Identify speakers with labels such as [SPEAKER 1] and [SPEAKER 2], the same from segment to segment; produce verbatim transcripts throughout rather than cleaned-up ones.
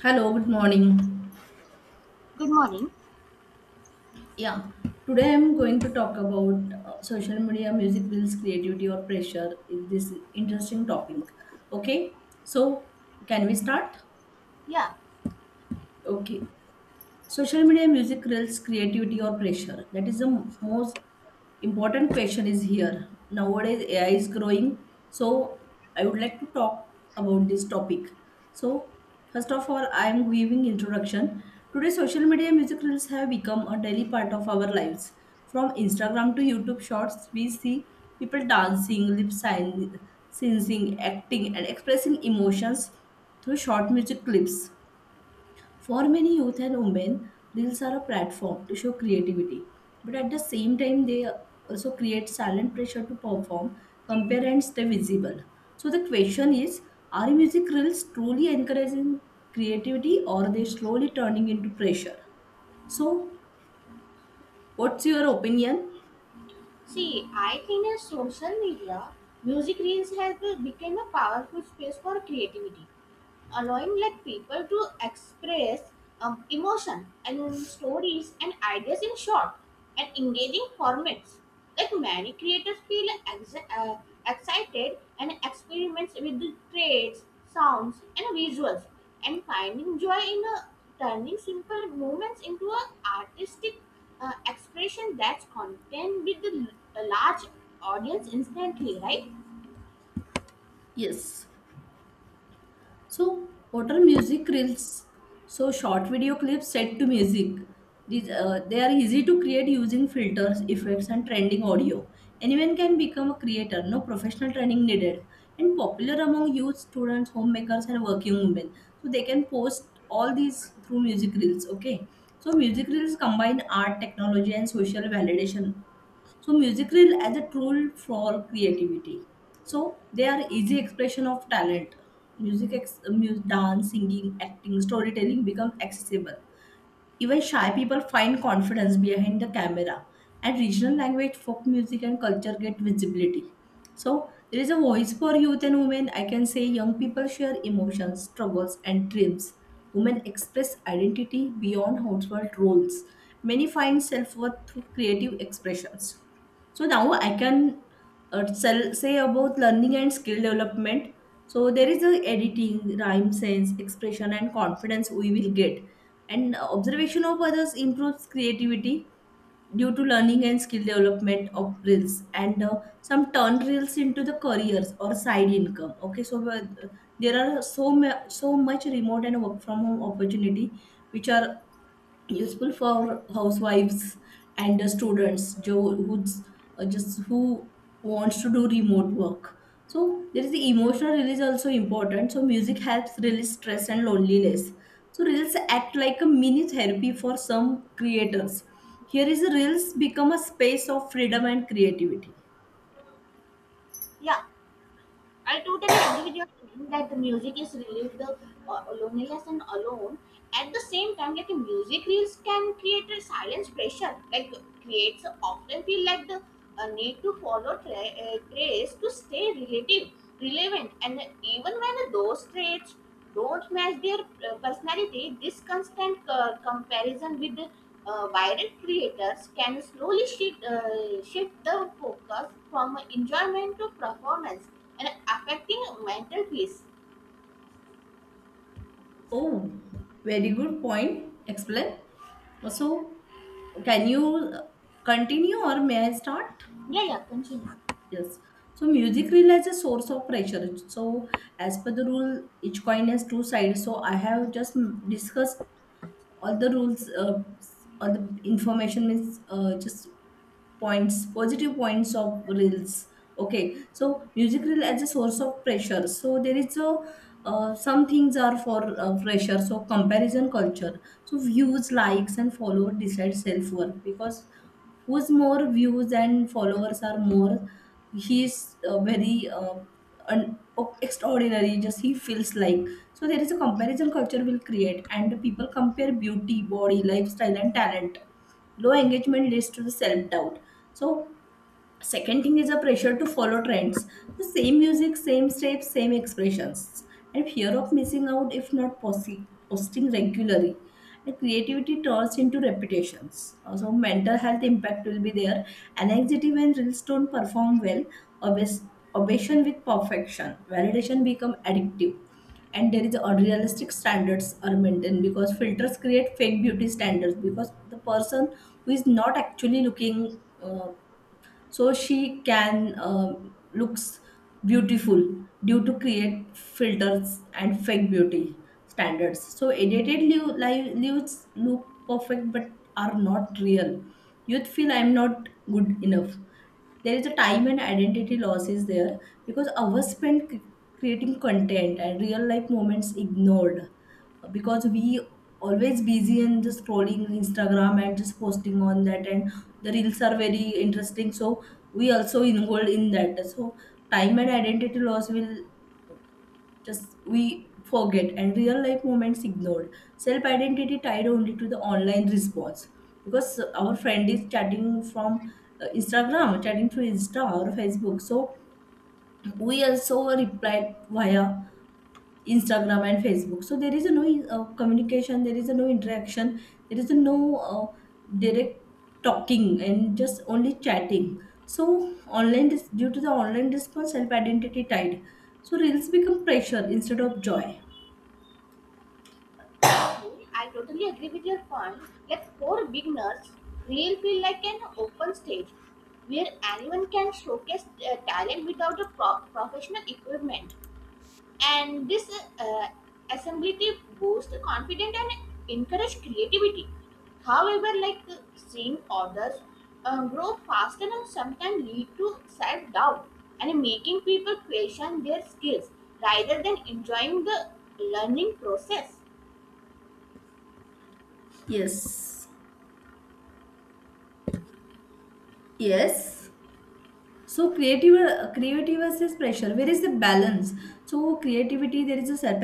[SPEAKER 1] Hello, good morning.
[SPEAKER 2] Good morning.
[SPEAKER 1] Yeah, today I'm going to talk about uh, social media, music reels, creativity or pressure. This interesting topic. Okay, so can we start?
[SPEAKER 2] Yeah.
[SPEAKER 1] Okay, social media music reels creativity or pressure, that is the m- most important question is here. Nowadays A I is growing, so I would like to talk about this topic. So first of all, I am giving introduction. Today social media music reels have become a daily part of our lives. From Instagram to YouTube shorts, we see people dancing, lip syn- syncing, acting and expressing emotions through short music clips. For many youth and women, reels are a platform to show creativity, but at the same time, they also create silent pressure to perform, compare, and stay visible. So the question is: are music reels truly encouraging creativity, or are they slowly turning into pressure? So, what's your opinion?
[SPEAKER 2] See, I think that social media, music reels has be- become a powerful space for creativity, allowing like people to express um, emotion and stories and ideas in short and engaging formats. Like many creators feel ex- uh, excited and experiments with the traits sounds and visuals, and finding joy in uh, turning simple movements into a artistic uh, expression that's content with the l- a large audience instantly, right?
[SPEAKER 1] Yes. So, what are music reels? So, short video clips set to music. These, uh, they are easy to create using filters, effects, and trending audio. Anyone can become a creator, no professional training needed. And popular among youth, students, homemakers, and working women. So, they can post all these through music reels, okay? So, music reels combine art, technology, and social validation, so music reel as a tool for creativity. So they are easy expression of talent. Music, ex- uh, mu- dance, singing, acting, storytelling become accessible. Even shy people find confidence behind the camera. And regional language, folk music, and culture get visibility. So there is a voice for youth and women. I can say young people share emotions, struggles, and dreams. Women express identity beyond household roles. Many find self worth through creative expressions. So now I can uh, sell, say about learning and skill development. So there is a editing, rhyme sense, expression, and confidence we will get. And uh, observation of others improves creativity due to learning and skill development of reels. And uh, some turn reels into the careers or side income, okay? So uh, there are so ma- so much remote and work from home opportunity, which are useful for housewives and the students jo- who's uh, just who wants to do remote work. So there is the emotional release also important. So music helps release stress and loneliness. So reels act like a mini therapy for some creators. Here is the reels become a space of freedom and creativity.
[SPEAKER 2] Yeah, I totally agree with your point that the music is relieve the uh, loneliness and alone. At the same time, like the music reels can create a silence pressure, like creates often feel like the uh, need to follow tra- uh, trace to stay relative, relevant, and even when those traits don't match their uh, personality, this constant uh, comparison with uh, viral creators can slowly shift, uh, shift the focus from enjoyment to performance, and affecting mental peace.
[SPEAKER 1] Oh, very good point explain. So can you uh, continue or may I start?
[SPEAKER 2] Yeah, yeah, continue.
[SPEAKER 1] Yes. So music reel as a source of pressure. So as per the rule, each coin has two sides. So I have just mm, discussed all the rules, uh, all the information means, uh, just points, positive points of reels, okay? So music reel as a source of pressure. So there is a uh, some things are for uh, pressure. So comparison culture, so views, likes and follower decide self worth, because who's more views and followers are more, he's uh, very uh, un- extraordinary, just he feels like. So there is a comparison culture will create, and people compare beauty, body, lifestyle and talent. Low engagement leads to the self doubt. So second thing is a pressure to follow trends. So same music, same steps, same expressions, and fear of missing out if not posi- posting regularly. And creativity turns into repetitions. Also mental health impact will be there, anxiety when reels don't perform well, obs- obsession with perfection, validation become addictive. And there is unrealistic standards are maintained, because filters create fake beauty standards, because the person who is not actually looking, uh, so she can uh, looks beautiful due to create filters and fake beauty standards. So edited live lives look perfect but are not real. Youth feel I'm not good enough. There is a time and identity loss is there, because hours spent c- creating content, and real life moments ignored, because we always busy and just scrolling Instagram and just posting on that. And the reels are very interesting, so we also involved in that. So time and identity loss will, just we forget, and real life moments ignored. Self identity tied only to the online response, because our friend is chatting from uh, Instagram, chatting through Insta or Facebook. So we also replied via Instagram and Facebook. So there is a no uh, communication, there is a no interaction, there is a no uh, direct talking and just only chatting. So online dis- due to the online response, self identity tied. So reels become pressure instead of joy.
[SPEAKER 2] Okay, I totally agree with your point that for beginners, real feel like an open stage where anyone can showcase their talent without a pro- professional equipment, and this uh, assemblative boosts confidence and encourage creativity. However, like uh, seeing others uh, grow faster and sometimes lead to self-doubt and making people question their skills rather than enjoying the learning process,
[SPEAKER 1] Yes. Yes. So creative uh, creativity versus pressure. Where is the balance? So creativity, there is a self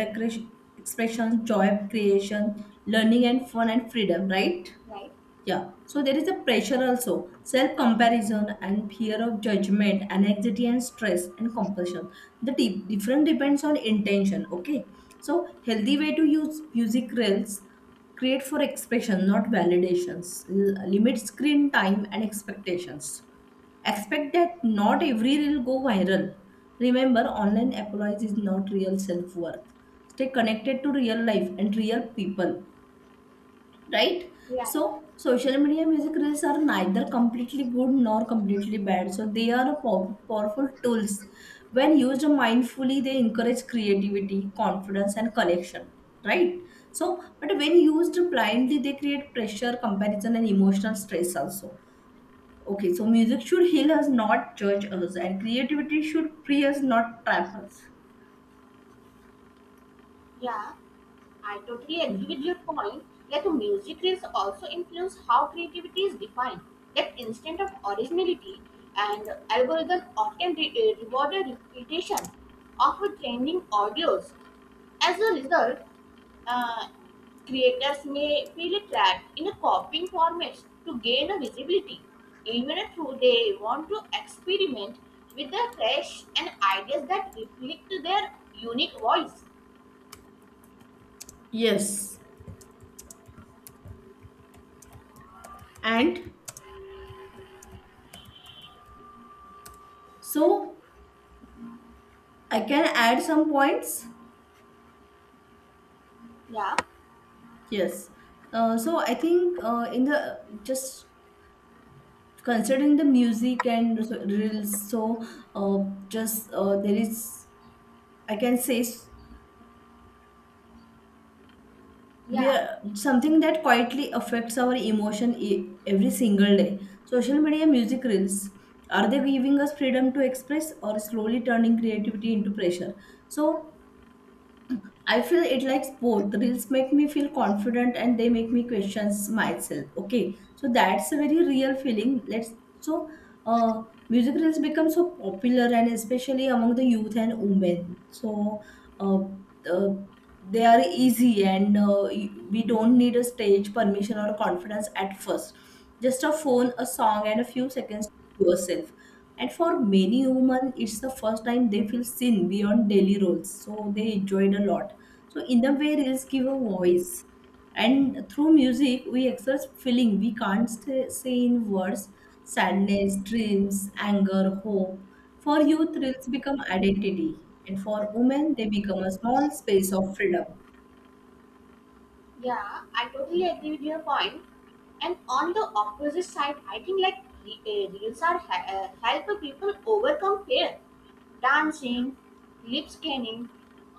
[SPEAKER 1] expression, joy creation, learning and fun and freedom, right?
[SPEAKER 2] right?
[SPEAKER 1] Yeah, so there is a pressure also, self comparison and fear of judgment, anxiety and stress and compulsion. The di- different depends on intention. Okay, so healthy way to use music reels, create for expression, not validations. L- limit screen time and expectations. Expect that not every reel go viral. Remember, online apologies is not real self worth. Stay connected to real life and real people, right?
[SPEAKER 2] We
[SPEAKER 1] So
[SPEAKER 2] are.
[SPEAKER 1] social media music reels are neither completely good nor completely bad. So they are pow- powerful tools. When used mindfully, they encourage creativity, confidence and connection, right? So but when used blindly, they create pressure, comparison and emotional stress also. Okay, so music should heal us, not judge us, and creativity should free us, not trap us.
[SPEAKER 2] Yeah, I totally
[SPEAKER 1] Yeah.
[SPEAKER 2] agree with your point. That music is also influence how creativity is defined. That instinct of originality and algorithm often re- eh, reward a repetition of a trending audios. As a result, uh, creators may feel trapped in a copying formats to gain a visibility, even if they want to experiment with the fresh and ideas that reflect their unique voice.
[SPEAKER 1] Yes, and so I can add some points.
[SPEAKER 2] Yeah.
[SPEAKER 1] Yes. Uh, so I think, uh, in the just considering the music and so- reels, so uh, just uh, there is, I can say, s-
[SPEAKER 2] Yeah,
[SPEAKER 1] we are something that quietly affects our emotion e- every single day. Social media music reels, are they giving us freedom to express or slowly turning creativity into pressure? So I feel it likes both. The reels make me feel confident, and they make me questions myself. Okay, so that's a very real feeling. Let's, so uh, music reels become so popular and especially among the youth and women. So uh, uh, they are easy, and uh, we don't need a stage permission or confidence at first, just a phone, a song and a few seconds to yourself. And for many women, it's the first time they feel seen beyond daily roles, so they enjoyed a lot. So in the way reels give a voice, and through music we express feeling we can't stay, say in words: sadness, dreams, anger, hope. For youth, thrills become identity, and for women, they become a small space of freedom.
[SPEAKER 2] yeah, I totally agree with your point. And on the opposite side, I think like re- uh, reels are he- uh, help people overcome fear. Dancing, lip scanning,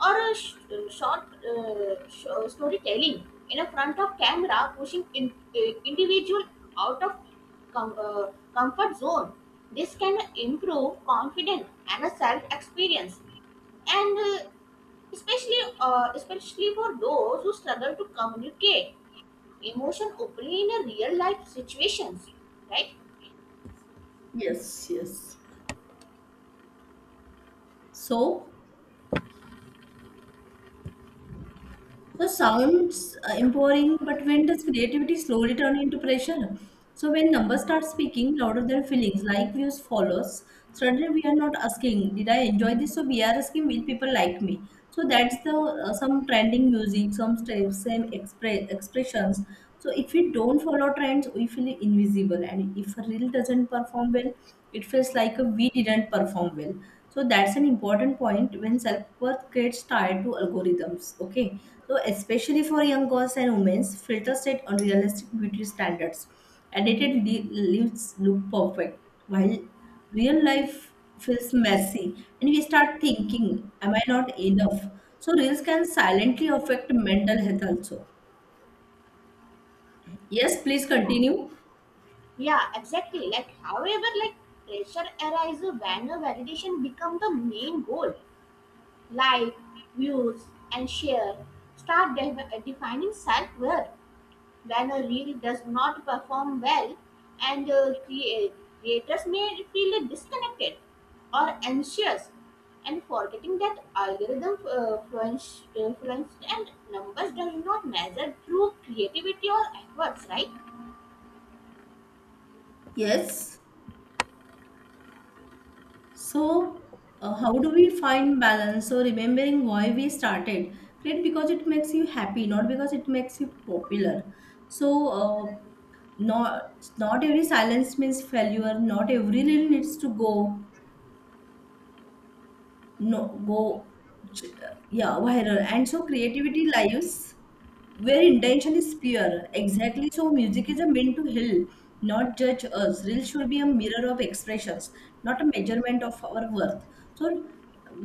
[SPEAKER 2] or a sh- uh, short uh, sh- uh, storytelling in a front of camera, pushing in- uh, individual out of com- uh, comfort zone. This can improve confidence and a self experience. And uh, especially uh, especially for those who struggle to communicate emotion openly in a real life situations, right?
[SPEAKER 1] Yes, yes. So, so sounds uh, empowering, but when does creativity slowly turn into pressure? So when numbers start speaking louder than feelings, like views, follows, suddenly we are not asking, did I enjoy this? So we are asking, will people like me? So that's the, uh, some trending music, some steps, same expre- expressions. So if we don't follow trends, we feel invisible, and if a reel doesn't perform well, it feels like we didn't perform well. So that's an important point, when self worth gets tied to algorithms. Okay, so especially for young girls and women, filters set unrealistic beauty standards. Edited li- lips look perfect, while real life feels messy, and we start thinking, "Am I not enough?" So reels can silently affect mental health also. Yes, please continue.
[SPEAKER 2] Yeah, exactly. Like however, like pressure arises when a validation become the main goal, like views and share start de- defining self-worth. When a reel does not perform well, and uh, crea- creators may feel disconnected or anxious, and forgetting that algorithm uh, fluence- influence and numbers does not measure true creativity or efforts, right?
[SPEAKER 1] Yes. So, uh, how do we find balance? So, remembering why we started, create because it makes you happy, not because it makes you popular. So, uh, not not every silence means failure. Not every reel needs to go, no, go, ch- yeah, viral. And so creativity lives where intention is pure, exactly. So music is a meant to heal, not judge us. Real should be a mirror of expressions, not a measurement of our worth. So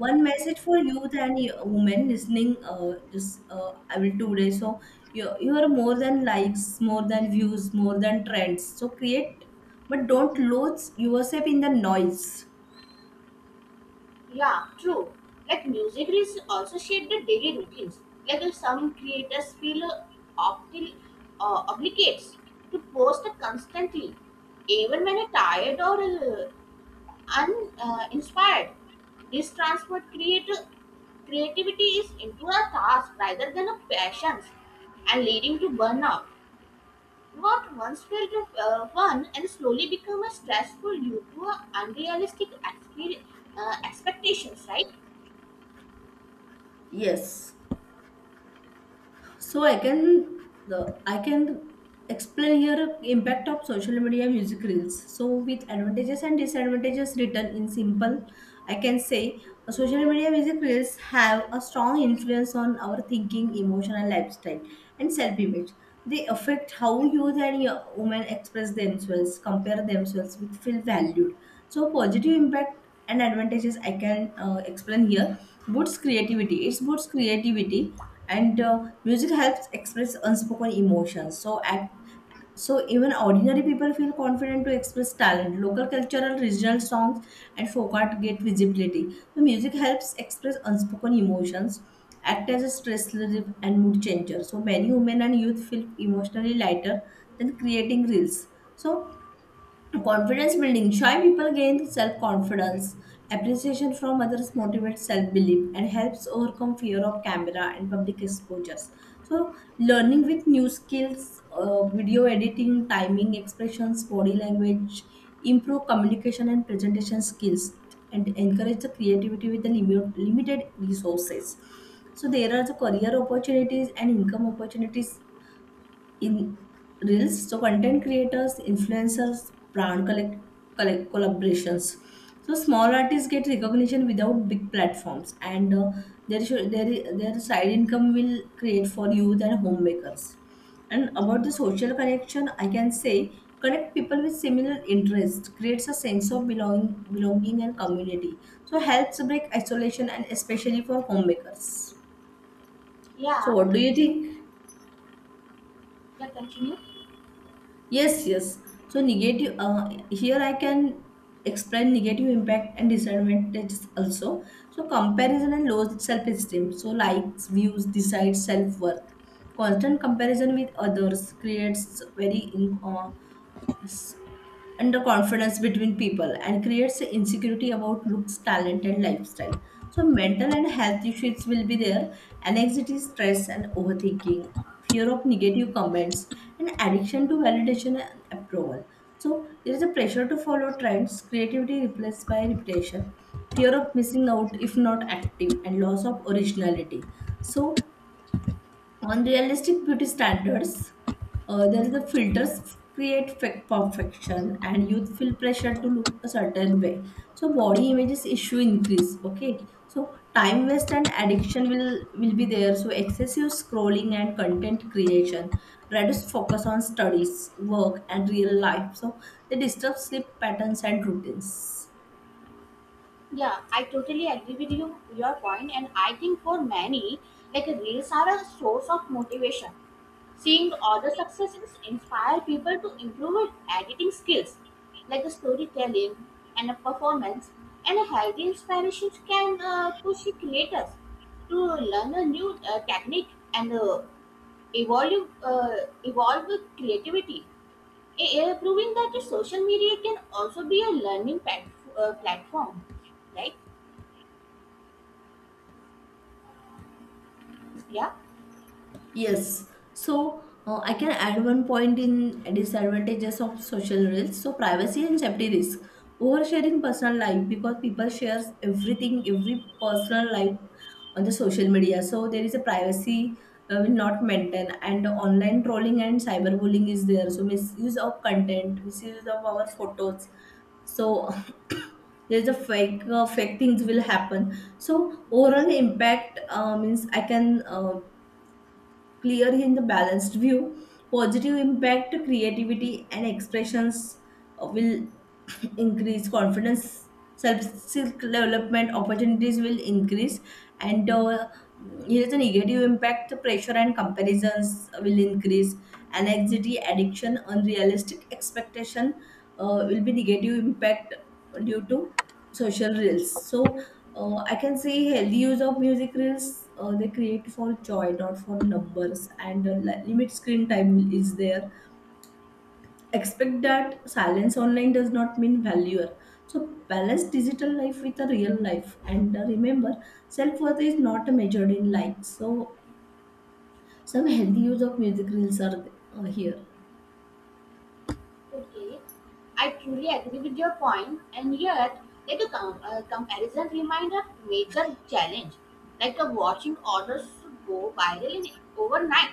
[SPEAKER 1] one message for youth and y- women listening, uh, just uh, I will today, so you, you are more than likes, more than views, more than trends. So create, but don't lose yourself in the noise.
[SPEAKER 2] Yeah, true. Like music is also shape the daily routines. Like uh, some creators feel uh, obli- uh, obligates to post constantly even when you tired or uh, uninspired. Uh, inspired. This transferred creati- creativity is into a task rather than a passion, and leading to burnout. What once felt uh, fun and slowly become a stressful due to a unrealistic exper- uh, expectations, right?
[SPEAKER 1] Yes. So I can, the I can explain here impact of social media music reels. So with advantages and disadvantages written in simple, I can say, uh, social media music reels have a strong influence on our thinking, emotion, and lifestyle and self-image. They affect how youth and yo- women express themselves, compare themselves with feel valued. So positive impact and advantages I can uh, explain here. Boosts creativity. It boosts creativity, and uh, music helps express unspoken emotions. So at, so even ordinary people feel confident to express talent. Local cultural, regional songs, and folk art get visibility. So music helps express unspoken emotions. Act as a stress relief and mood changer. So many women and youth feel emotionally lighter than creating reels. So confidence building. Shy people gain self confidence. Appreciation from others motivates self belief and helps overcome fear of camera and public exposures. So, learning with new skills, uh, video editing, timing, expressions, body language, improve communication and presentation skills, and encourage the creativity with the limit, limited resources. So, there are the career opportunities and income opportunities in reels. So content creators, influencers, brand collect, collect collaborations. So small artists get recognition without big platforms, and uh, their, should- their their side income will create for youth and homemakers. And about the social connection, I can say connect people with similar interests creates a sense of belonging belonging and community, so helps break isolation and especially for homemakers. So
[SPEAKER 2] Yeah,
[SPEAKER 1] what do you think?
[SPEAKER 2] yeah, continue.
[SPEAKER 1] Yes, yes. So negative. Uh, here I can explain negative impact and disadvantages also. So comparison and low self-esteem. So likes, views decide self-worth. Constant comparison with others creates very in, uh, underconfidence between people and creates insecurity about looks, talent, and lifestyle. So, mental and health issues will be there, anxiety, stress, and overthinking, fear of negative comments, and addiction to validation and approval. So, there is a pressure to follow trends, creativity replaced by repetition, fear of missing out if not active, and loss of originality. So, on realistic beauty standards, uh, there is the filters create fake perfection, and youth feel pressure to look a certain way. So body images issue increase. Okay, so time waste and addiction will will be there. So excessive scrolling and content creation reduce focus on studies, work, and real life. So they disturb sleep patterns and routines.
[SPEAKER 2] Yeah, I totally agree with you, your point, and I think for many, like reels are a source of motivation. Seeing other successes inspire people to improve at editing skills, like a storytelling and a performance, and a healthy inspiration can uh, push the creators to learn a new uh, technique and uh, evolve, uh, evolve with creativity, eh, eh, proving that the social media can also be a learning pat- uh, platform, right? Yeah.
[SPEAKER 1] Yes. So uh, I can add one point in disadvantages of social reels. So privacy and safety risk. Oversharing personal life because people shares everything, every personal life on the social media. So there is a privacy uh, will not maintain, and online trolling and cyberbullying is there. So misuse of content, misuse of our photos. So there's a fake uh, fake things will happen. So overall impact, uh, means I can, uh, clear in the balanced view. Positive impact creativity and expressions uh, will increase confidence. Self development opportunities will increase, and uh, here's a negative impact. Pressure and comparisons will increase, anxiety, addiction, unrealistic expectation, uh, will be negative impact due to social reels. So uh, I can see healthy use of music reels. Uh, they create for joy, not for numbers, and uh, li- limit screen time is there. Expect that silence online does not mean failure. So balance digital life with a real life, and uh, remember, self worth is not measured in likes. So some healthy use of music reels are uh, here.
[SPEAKER 2] Okay, I truly agree with your point, and yet, like a, com- a comparison reminds a major challenge, like a watching orders go viral in overnight,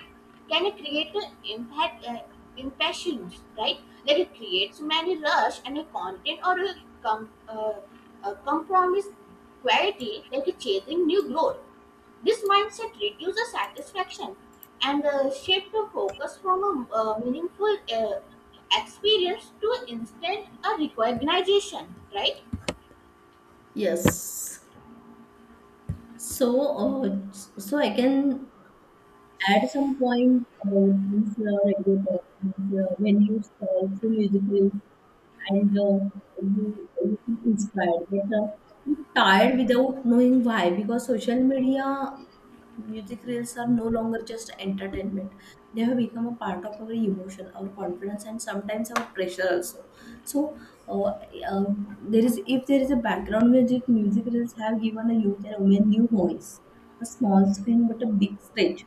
[SPEAKER 2] can it create an impact, uh, impressions, right? That it creates many rush and a content or a, com- uh, a compromise quality, like a chasing new growth. This mindset reduces satisfaction and uh, shift to focus from a uh, meaningful uh, experience to instant a recognition, right?
[SPEAKER 1] Yes. So, uh, so I can, at some point, uh, these uh, radio talk, uh, when you scroll through music reels and uh, you, you feel inspired, but uh, you're tired without knowing why, because social media music reels are no longer just entertainment. They have become a part of our emotion, our confidence, and sometimes our pressure also. So uh, uh, there is if there is a background music, music reels have given a youth and women new voice, a small screen but a big stage.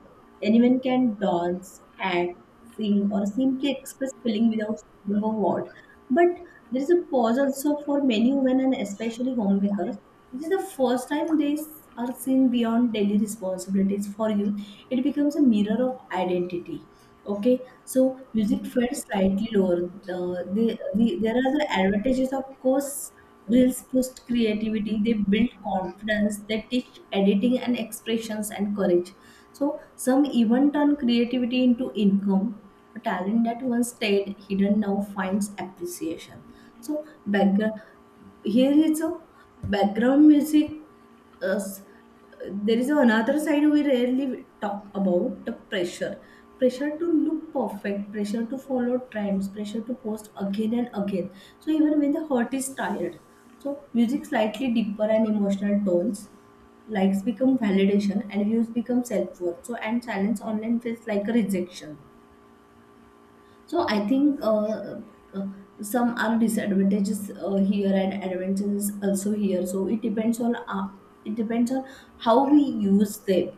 [SPEAKER 1] Anyone can dance, act, sing, or simply express feeling without speaking a word. But there is a pause also for many women and especially homemakers. This is the first time days are seen beyond daily responsibilities for youth. It becomes a mirror of identity. Okay, so music felt slightly lower. The, the, the, there are the advantages, of course. Reels boost creativity, they build confidence, they teach editing and expressions and courage. So, some even turn creativity into income. A talent that once stayed hidden now finds appreciation. So background, here is a background music. Uh, s- there is another side we rarely talk about: the pressure. Pressure to look perfect, pressure to follow trends, pressure to post again and again. So even when the heart is tired. So music slightly deeper and emotional tones, likes become validation and views become self-worth. So, and silence online feels like a rejection. So I think uh, uh, some are disadvantages uh, here and advantages also here. So it depends on, uh, it depends on how we use them.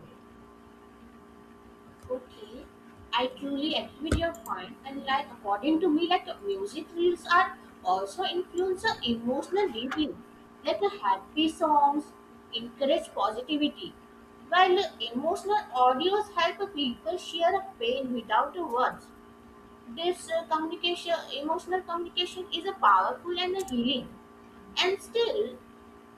[SPEAKER 2] Okay, I truly agree with your point, and like according to me, like music reels are also influence the emotional deeply. Like the happy songs encourage positivity, while emotional audios help people share a pain without the words. This uh, communication emotional communication is a powerful and a healing, and still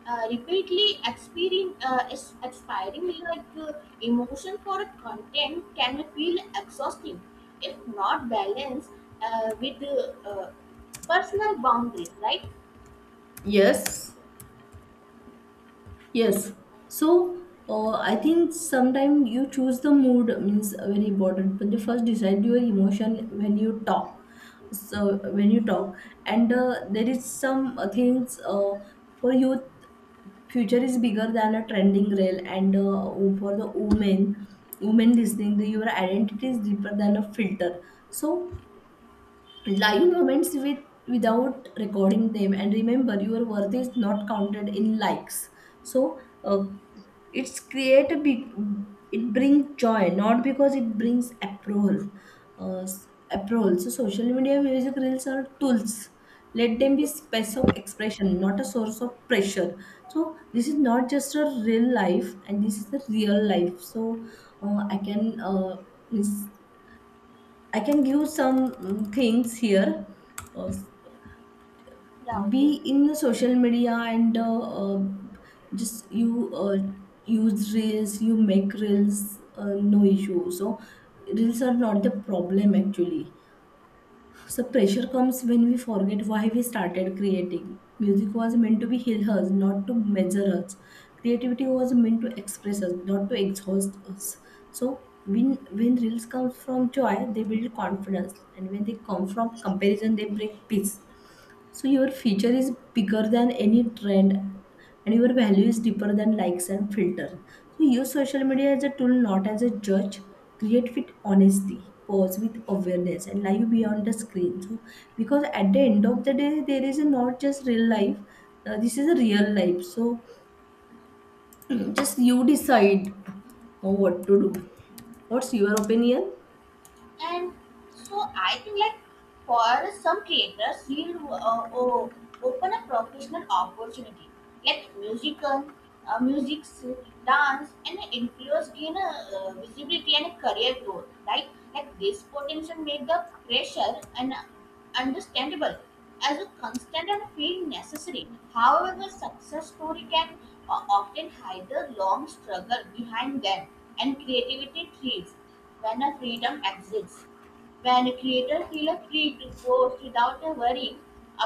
[SPEAKER 2] uh, repeatedly experiencing uh, is expiring, like uh, emotion for a content can feel exhausting if not balanced uh, with uh, uh, personal boundaries, right?
[SPEAKER 1] Yes. Yes. So uh, I think sometimes you choose the mood means very important. But you first decide your emotion when you talk. So when you talk, and uh, there is some uh, things uh, for youth. Future is bigger than a trending reel, and uh, for the women, women listening, the, your identity is deeper than a filter. So live moments with, without recording them, and remember your worth is not counted in likes. So uh, it's create a big, it brings joy, not because it brings approval. Uh, s- approval. So social media music reels are tools. Let them be space of expression, not a source of pressure. So this is not just a real life, and this is a real life. So uh, i can uh, I can give some mm, things here. Uh,
[SPEAKER 2] Yeah, okay.
[SPEAKER 1] be in social media, and uh, uh, just you uh, use reels, you make reels, uh, no issue. So reels are not the problem actually. So pressure comes when we forget why we started creating. Music was meant to be heal us, not to measure us. Creativity was meant to express us, not to exhaust us. So when when reels come from joy, they build confidence, and when they come from comparison, they break peace. So your future is bigger than any trend, and your value is deeper than likes and filters. So use social media as a tool, not as a judge. Create with honesty, pause with awareness, and live beyond the screen. So because at the end of the day, there is a not just real life. Uh, this is a real life. So just you decide uh, what to do. What's your opinion?
[SPEAKER 2] And so I think like for some creators, he'll uh, o- open a professional opportunity, like musical, uh, music, dance, and influence gain a uh, visibility and a career growth, right? Like this potential make the pressure and understandable as a constant and feel necessary. However, the success story can uh, often hide the long struggle behind them, and creativity thrives when a freedom exists, when creators feel free to post without worrying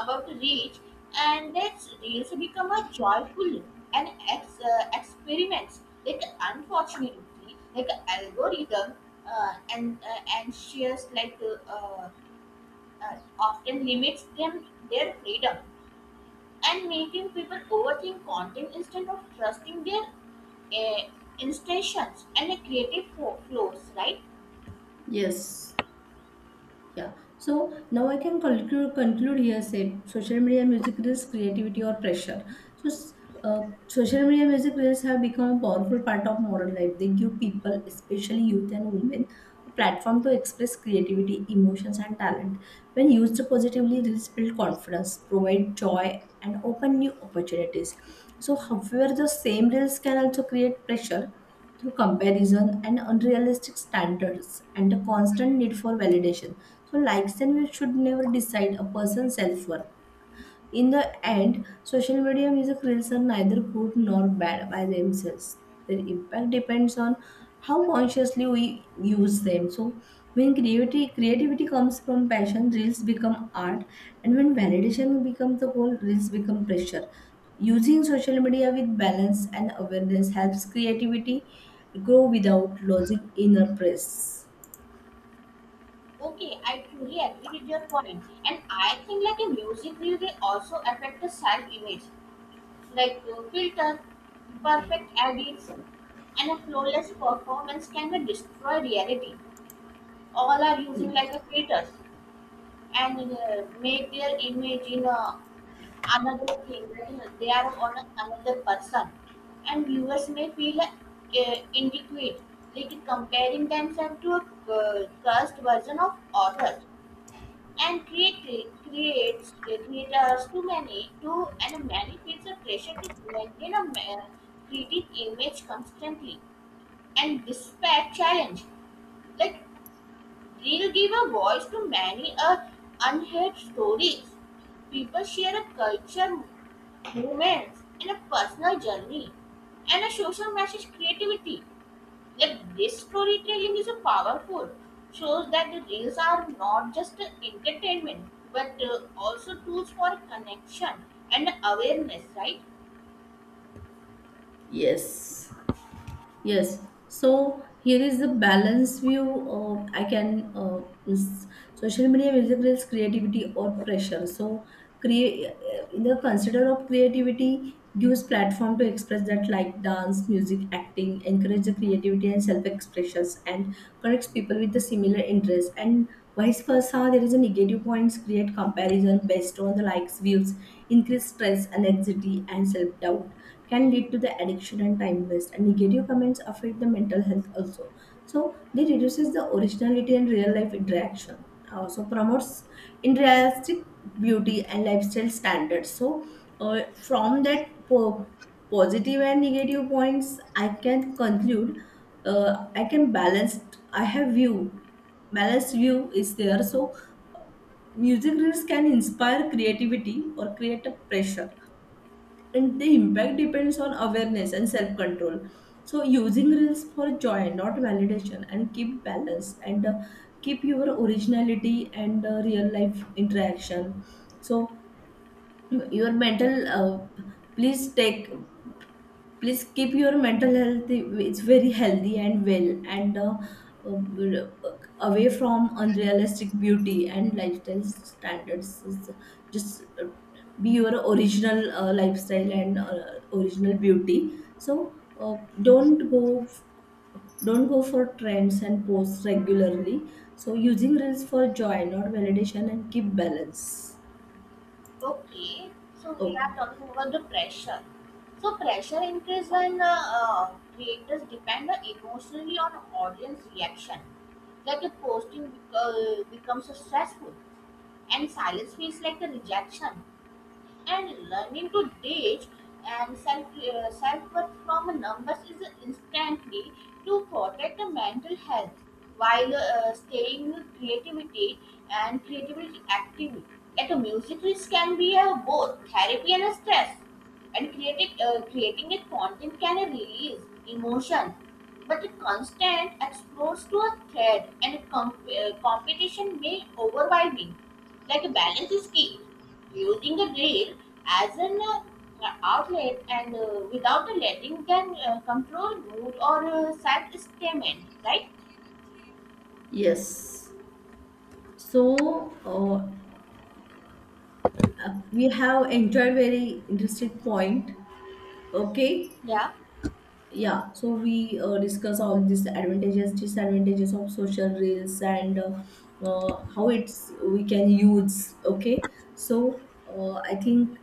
[SPEAKER 2] about reach, and that's reels become a joyful and ex- uh, experiments. Like unfortunately, like algorithm uh, and uh, anxious, like uh, uh, uh, often limits them their freedom and making people overthink content instead of trusting their uh, instructions and creative fo- flows, right?
[SPEAKER 1] Yes, yeah. So now I can conclude conclude here. Say social media music reels, creativity or pressure. So s- uh, social media music reels have become a powerful part of modern life. They give people, especially youth and women, a platform to express creativity, emotions, and talent. When used positively, reels build confidence, provide joy, and open new opportunities. So, however, the same reels can also create pressure through comparison and unrealistic standards and a constant need for validation. So, likes and views should never decide a person's self worth. In the end, social media music reels are neither good nor bad by themselves. Their impact depends on how consciously we use them. So, when creativity creativity comes from passion, reels become art, and when validation becomes the goal, reels become pressure. Using social media with balance and awareness helps creativity grow without losing inner press.
[SPEAKER 2] Okay, I truly agree with your point, and I think like a music reel they also affect the self-image. Like uh, filter, perfect edits, and a flawless performance can be destroy reality. All are using like a creators and uh, make their image in uh, another thing. That is, they are on a- another person, and viewers may feel uh, inadequate, like comparing themselves to a uh, cursed version of others, and create creates creators too many too, and many feels a pressure to maintain a ma- creative image constantly, and despite challenge, like they'll give a voice to many uh, unheard stories. People share a culture, movements, and a personal journey, and a social message creativity. Yet this storytelling is a powerful. Shows that the reels are not just a entertainment, but uh, also tools for connection and awareness, right?
[SPEAKER 1] Yes. Yes. So here is the balance view. Of, I can uh, is- Social media music, creativity or pressure. So create in the consider of creativity gives platform to express that like dance, music, acting, encourage the creativity and self expressions, and connects people with the similar interests. And vice versa, there is a negative points: create comparison based on the likes, views, increase stress, anxiety, and self doubt, can lead to the addiction and time waste. And negative comments affect the mental health also. So they reduces the originality and real life interaction. Also promotes unrealistic beauty and lifestyle standards. So uh, from that po- positive and negative points, I can conclude, uh, I can balance. I have view Balanced view is there. So uh, music reels can inspire creativity or create a pressure, and the impact depends on awareness and self-control. So using reels for joy, not validation, and keep balance, and uh, keep your originality and uh, real life interaction. So your mental, uh, please take please keep your mental health. It's very healthy and well, and uh, uh, away from unrealistic beauty and lifestyle standards. Just uh, be your original uh, lifestyle and uh, original beauty. So uh, don't go don't go for trends and posts regularly. So using reels for joy, not validation, and keep balance.
[SPEAKER 2] Okay, so we
[SPEAKER 1] Okay,
[SPEAKER 2] are talking about the pressure. So pressure increases when uh, uh, creators depend emotionally on audience reaction. Like a posting bec- uh, becomes stressful and silence feels like a rejection. And learning to ditch and self uh, self worth from numbers is instantly to protect the mental health while uh, staying with creativity and creativity active. At a music risk can be uh, both therapy and a stress, and creating uh, creating a content can release emotion. But a constant exposure to a threat and comp- uh, competition may overwhelming, like a balance is key. Using the grill as an uh, outlet and uh, without the letting can uh, control mood or uh, sad statement, right?
[SPEAKER 1] yes. So uh, uh, we have entered very interesting point. Okay,
[SPEAKER 2] Yeah.
[SPEAKER 1] yeah. So we uh, discuss all these advantages, disadvantages of social reels, and uh, uh, how it's we can use. Okay. So uh, I think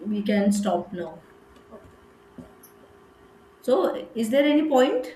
[SPEAKER 1] we can stop now. So is there any point